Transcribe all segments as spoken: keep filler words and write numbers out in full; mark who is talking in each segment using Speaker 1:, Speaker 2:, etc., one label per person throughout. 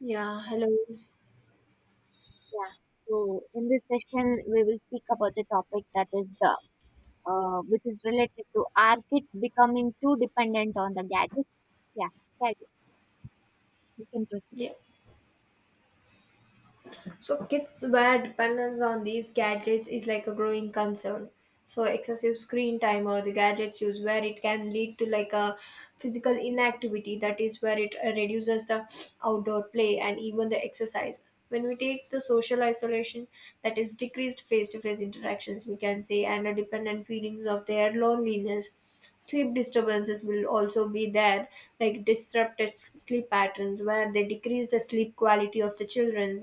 Speaker 1: Yeah, hello.
Speaker 2: Yeah, so in this session, we will speak about the topic that is the uh, which is related to our kids becoming too dependent on the gadgets. Yeah, okay, you can proceed.
Speaker 1: Yeah. So kids where dependence on these gadgets is like a growing concern. So excessive screen time or the gadget use where it can lead to like a physical inactivity, that is where it uh, reduces the outdoor play and even the exercise. When we take the social isolation, that is decreased face to face interactions we can say, and a dependent feelings of their loneliness. Sleep disturbances will also be there, like disrupted s- sleep patterns where they decrease the sleep quality of the children.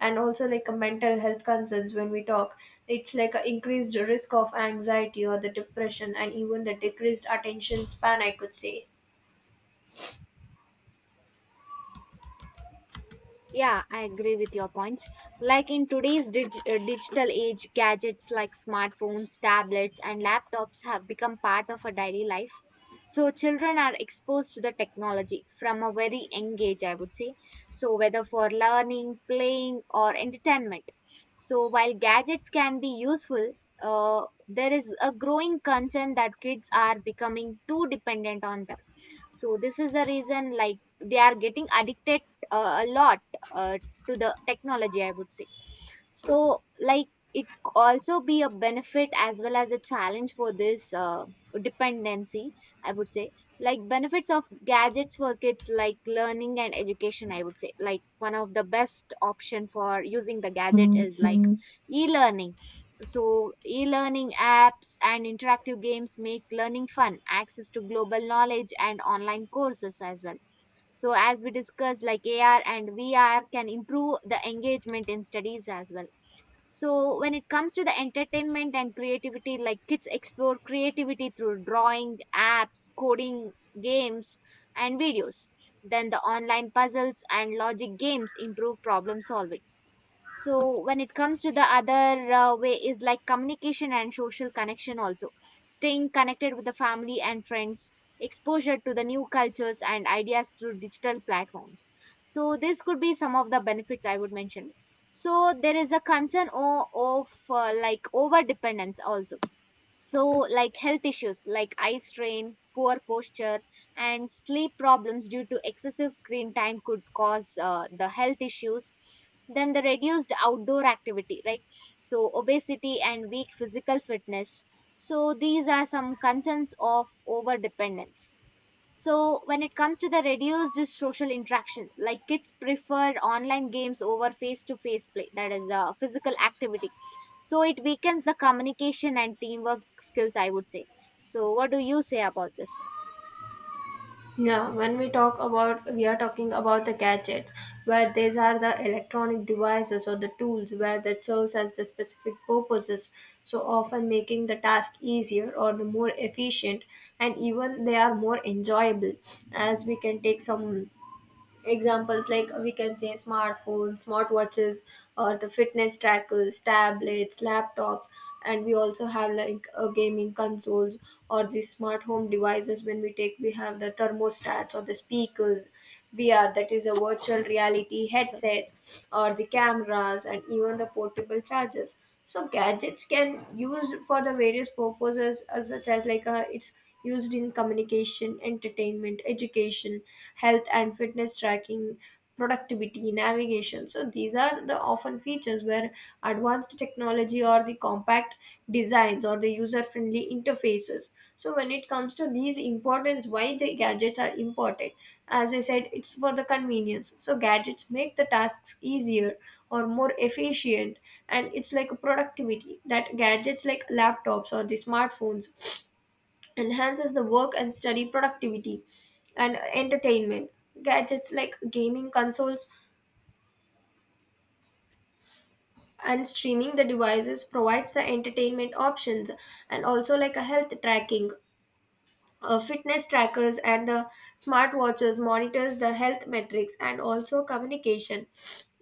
Speaker 1: And also like a mental health concerns when we talk, it's like a increased risk of anxiety or the depression and even the decreased attention span I could say.
Speaker 2: Yeah, I agree with your points. Like in today's dig- uh, digital age, gadgets like smartphones, tablets, and laptops have become part of our daily life. So, children are exposed to the technology from a very young age, I would say. So, whether for learning, playing, or entertainment. So, while gadgets can be useful, uh, there is a growing concern that kids are becoming too dependent on them. So, this is the reason, like, they are getting addicted uh, a lot uh, to the technology, I would say. So, like, it also be a benefit as well as a challenge for this uh, dependency, I would say. Like, benefits of gadgets for kids, like learning and education, I would say, like one of the best option for using the gadget is like Mhm. E-learning. So e-learning apps and interactive games make learning fun, access to global knowledge and online courses as well. So, as we discussed, like A R and V R can improve the engagement in studies as well. So, when it comes to the entertainment and creativity, like kids explore creativity through drawing, apps, coding, games, and videos. Then the online puzzles and logic games improve problem solving. So when it comes to the other uh, way is like communication and social connection also, staying connected with the family and friends, exposure to the new cultures and ideas through digital platforms. So this could be some of the benefits I would mention. So there is a concern o- of uh, like over dependence also. So like health issues like eye strain, poor posture and sleep problems due to excessive screen time could cause uh, the health issues. Then the reduced outdoor activity, right? So obesity and weak physical fitness. So these are some concerns of over dependence. So when it comes to the reduced social interaction, like kids prefer online games over face to face play, that is uh, physical activity. So it weakens the communication and teamwork skills, I would say. So what do you say about this?
Speaker 1: Yeah, when we talk about, we are talking about the gadgets, where these are the electronic devices or the tools where that serves as the specific purposes, so often making the task easier or the more efficient, and even they are more enjoyable. As we can take some examples, like we can say smartphones, smartwatches, or the fitness trackers, tablets, laptops, and we also have like uh, gaming consoles or the smart home devices. When we take, we have the thermostats or the speakers, V R that is a virtual reality headsets, or the cameras and even the portable chargers. So gadgets can use for the various purposes, uh, such as like uh, it's used in communication, entertainment, education, health and fitness tracking, productivity, navigation. So these are the often features where advanced technology or the compact design designs or the user friendly interfaces. So when it comes to these importance, why the gadgets are important, as I said, it's for the convenience. So gadgets make the tasks easier or more efficient. And it's like a productivity, that gadgets like laptops or the smartphones enhances the work and study productivity. And entertainment, gadgets like gaming consoles and streaming the devices provides the entertainment options. And also like a health tracking, uh, fitness trackers and the smartwatches monitors the health metrics. And also communication,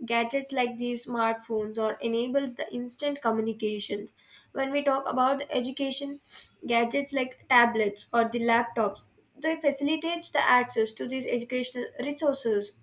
Speaker 1: gadgets like these smartphones or enables the instant communications. When we talk about education, gadgets like tablets or the laptops, they facilitates the access to these educational resources.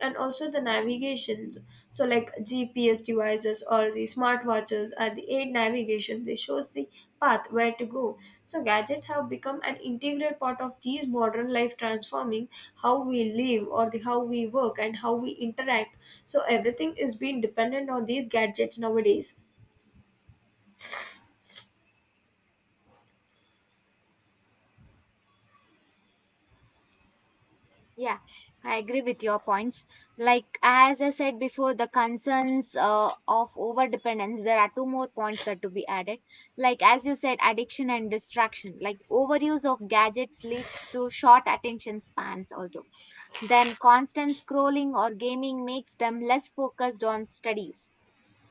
Speaker 1: And also the navigations, so like G P S devices or the smartwatches are the aid navigation, they shows the path where to go. So gadgets have become an integral part of these modern life, transforming how we live or the how we work and how we interact. So everything is being dependent on these gadgets nowadays.
Speaker 2: Yeah, I agree with your points. Like as I said before, the concerns uh, of overdependence. There are two more points that to be added. Like as you said, addiction and distraction. Like overuse of gadgets leads to short attention spans. Also, then constant scrolling or gaming makes them less focused on studies,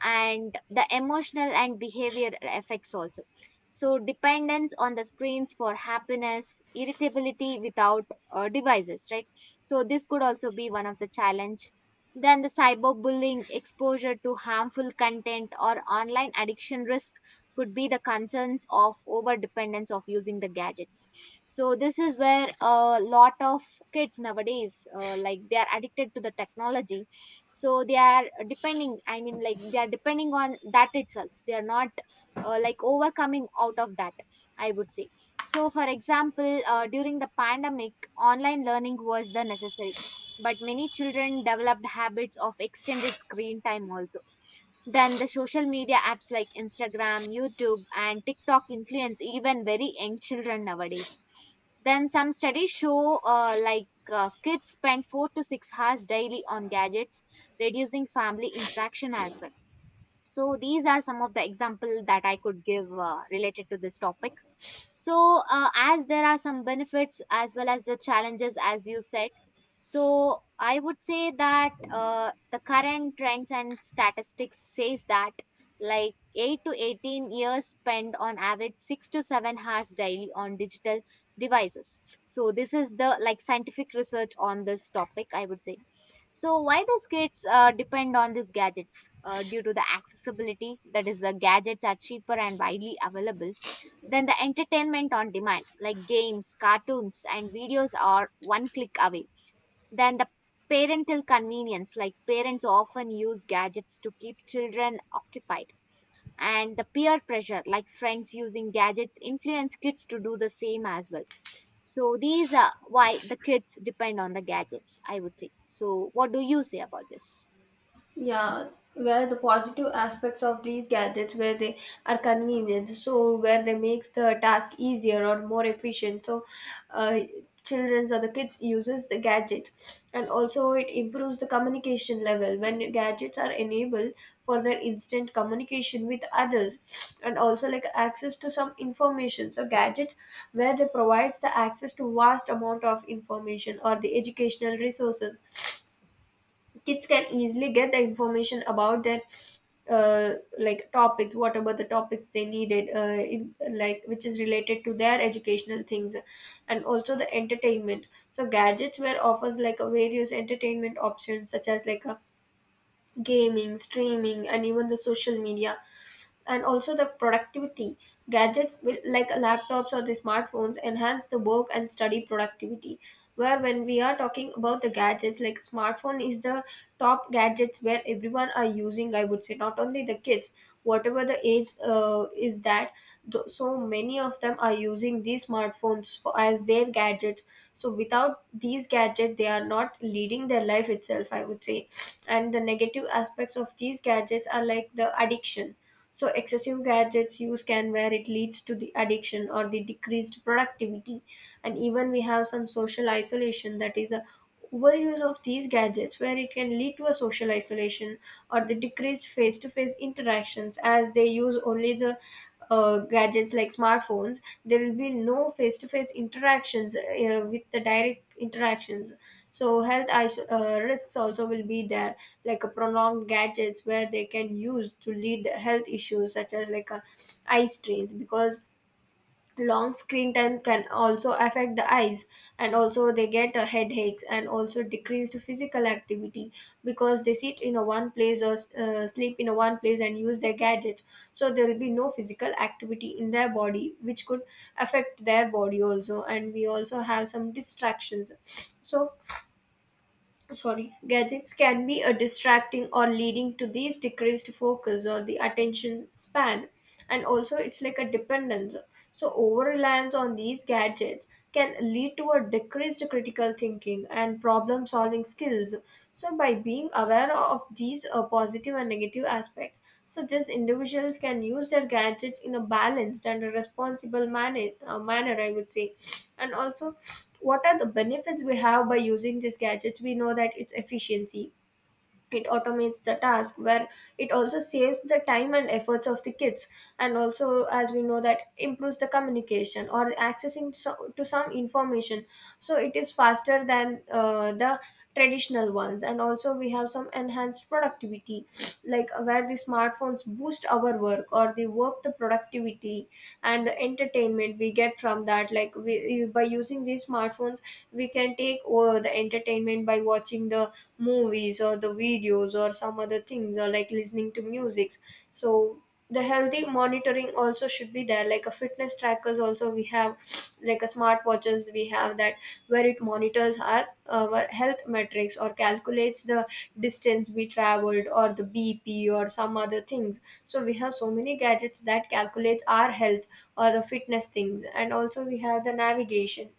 Speaker 2: and the emotional and behavior effects also. So dependence on the screens for happiness, irritability without uh, devices, right? So this could also be one of the challenge. Then the cyberbullying, exposure to harmful content or online addiction risk could be the concerns of over dependence of using the gadgets. So this is where a lot of kids nowadays uh, like they are addicted to the technology. So they are depending, I mean, like they are depending on that itself, they are not uh, like overcoming out of that, I would say. So for example, uh, during the pandemic, online learning was the necessary, but many children developed habits of extended screen time also. Then the social media apps like Instagram, YouTube and TikTok influence even very young children nowadays. Then some studies show uh, like uh, kids spend four to six hours daily on gadgets, reducing family interaction as well. So these are some of the example that I could give uh, related to this topic. So, uh, as there are some benefits as well as the challenges, as you said, so I would say that uh, the current trends and statistics says that like eight to eighteen years spent on average six to seven hours daily on digital devices. So this is the like scientific research on this topic, I would say. So why these kids uh, depend on these gadgets? Uh, due to the accessibility, that is, the gadgets are cheaper and widely available, then the entertainment on demand, like games, cartoons, and videos, are one click away. Then the parental convenience, like parents often use gadgets to keep children occupied. And the peer pressure, like friends using gadgets, influence kids to do the same as well. So these are why the kids depend on the gadgets, I would say. So, what do you say about this?
Speaker 1: Yeah, where the positive aspects of these gadgets, where they are convenient, so where they makes the task easier or more efficient. So, uh, childrens or the kids uses the gadgets, and also it improves the communication level when gadgets are enabled for their instant communication with others, and also like access to some information. So gadgets, where they provides the access to vast amount of information or the educational resources, kids can easily get the information about that, uh, like topics whatever the topics they needed uh, in, like which is related to their educational things. And also the entertainment, so gadgets were offers like a various entertainment options such as like a gaming, streaming, and even the social media. And also the productivity, gadgets will, like laptops or the smartphones enhance the work and study productivity. Where when we are talking about the gadgets, like smartphone is the top gadgets where everyone are using, I would say, not only the kids, whatever the age uh, is that, th- so many of them are using these smartphones for, as their gadgets. So without these gadgets they are not leading their life itself, I would say. And the negative aspects of these gadgets are like the addiction. So excessive gadgets use can, where it leads to the addiction or the decreased productivity. And even we have some social isolation, that is a overuse of these gadgets where it can lead to a social isolation or the decreased face-to-face interactions, as they use only the uh, gadgets like smartphones, there will be no face-to-face interactions uh, with the direct interactions. So health is- uh, risks also will be there, like a prolonged gadgets where they can use to lead health issues such as like uh, eye strains, because long screen time can also affect the eyes. And also they get uh, headaches and also decreased physical activity, because they sit in a one place or uh, sleep in a one place and use their gadgets. So there will be no physical activity in their body which could affect their body also. And we also have some distractions, so sorry, gadgets can be a distracting or leading to these decreased focus or the attention span. And also it's like a dependence, so over reliance on these gadgets can lead to a decreased critical thinking and problem solving skills. So by being aware of these uh, positive and negative aspects, so these individuals can use their gadgets in a balanced and a responsible manner, uh, manner, I would say. And also, what are the benefits we have by using these gadgets? We know that it's efficiency, it automates the task where it also saves the time and efforts of the kids. And also, as we know, that improves the communication or accessing so, to some information. So it is faster than uh, the traditional ones. And also we have some enhanced productivity, like where the smartphones boost our work or they work the productivity. And the entertainment we get from that, like we, by using these smartphones we can take over the entertainment by watching the movies or the videos or some other things or like listening to music. So the healthy monitoring also should be there, like a fitness trackers also we have, like a smartwatches we have that, where it monitors our, our health metrics or calculates the distance we traveled or the B P or some other things. So we have so many gadgets that calculates our health or the fitness things. And also we have the navigation,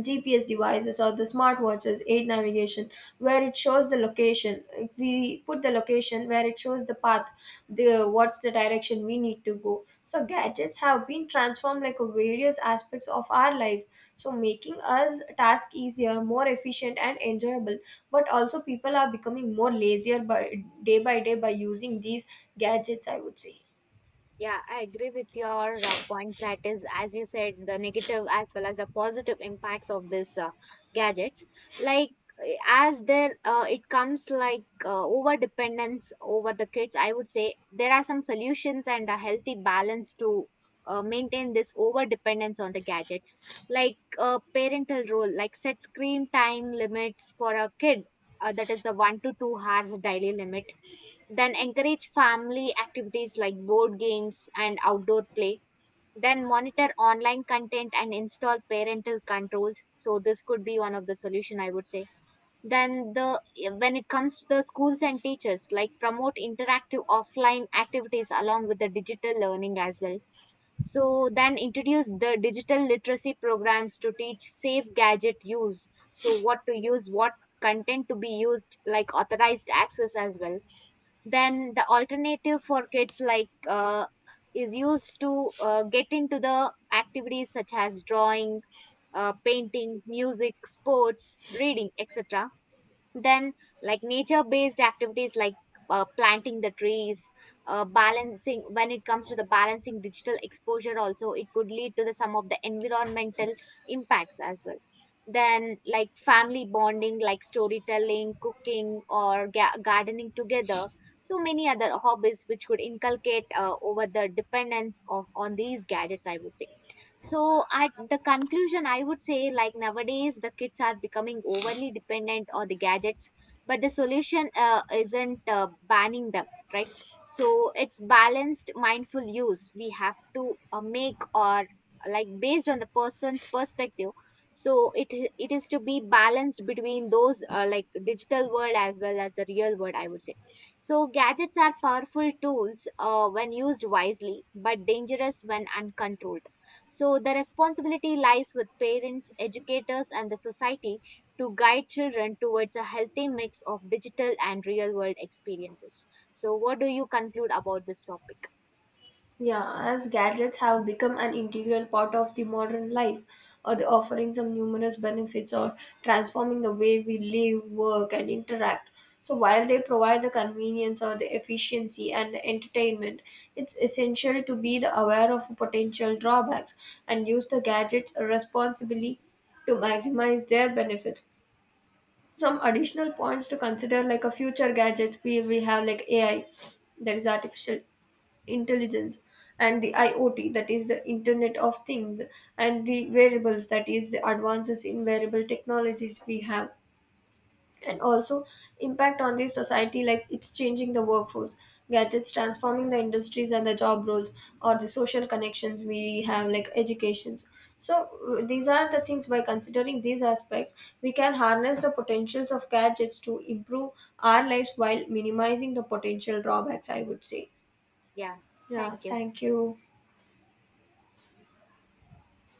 Speaker 1: G P S devices or the smartwatches aid navigation, where it shows the location. If we put the location where it shows the path, the what's the direction we need to go. So gadgets have been transformed like a various aspects of our life, so making us task easier, more efficient and enjoyable. But also people are becoming more lazier by day by day by using these gadgets, I would say.
Speaker 2: Yeah, I agree with your uh, points. That is, as you said, the negative as well as the positive impacts of this uh, gadgets. Like eh, as there, uh, it comes like uh, over dependence over the kids. I would say there are some solutions and a healthy balance to uh, maintain this over dependence on the gadgets. Like a parental role, like set screen time limits for a kid. Uh, that is the one to two hours daily limit, then encourage family activities like board games and outdoor play, then monitor online content and install parental controls. So this could be one of the solution, I would say. Then the, when it comes to the schools and teachers, like promote interactive offline activities along with the digital learning as well. So then introduce the digital literacy programs to teach safe gadget use, so what to use, what content to be used, like authorized access as well. Then the alternative for kids like uh, is used to uh, get into the activities such as drawing, uh, painting, music, sports, reading, etc. Then like nature based activities, like uh, planting the trees, uh, balancing, when it comes to the balancing digital exposure also, it could lead to the some of the environmental impacts as well. Then like family bonding, like storytelling, cooking or ga- gardening together, so many other hobbies which could inculcate uh, over the dependence of on these gadgets, I would say. So at the conclusion, I would say like nowadays the kids are becoming overly dependent on the gadgets, but the solution uh, isn't uh, banning them, right? So it's balanced, mindful use we have to uh, make, or like based on the person's perspective. So it i- it is to be balanced between those uh, like digital world as well as the real world, I would say. So gadgets are powerful tools uh, when used wisely, but dangerous when uncontrolled. So the responsibility lies with parents, educators, and the society to guide children towards a healthy mix of digital and real world experiences. So, what do you conclude about this topic?
Speaker 1: Yeah, as gadgets have become an integral part of the modern life, or they offering some numerous benefits or transforming the way we live, work, and interact. So while they provide the convenience or the efficiency and the entertainment, it's essential to be the aware of potential drawbacks and use the gadgets responsibly to maximize their benefits. Some additional points to consider like a future gadgets we, we have like A I, that is artificial intelligence, and the I O T that is the internet of things, and the variables, that is the advances in variable technologies we have. And also impact on the society, like it's changing the workforce, gadgets transforming the industries and the job roles or the social connections we have, like educations. So uh, these are the things, by considering these aspects we can harness the potentials of gadgets to improve our lives while minimizing the potential drawbacks, I would say.
Speaker 2: Yeah,
Speaker 1: Yeah,
Speaker 2: thank you.
Speaker 1: thank you.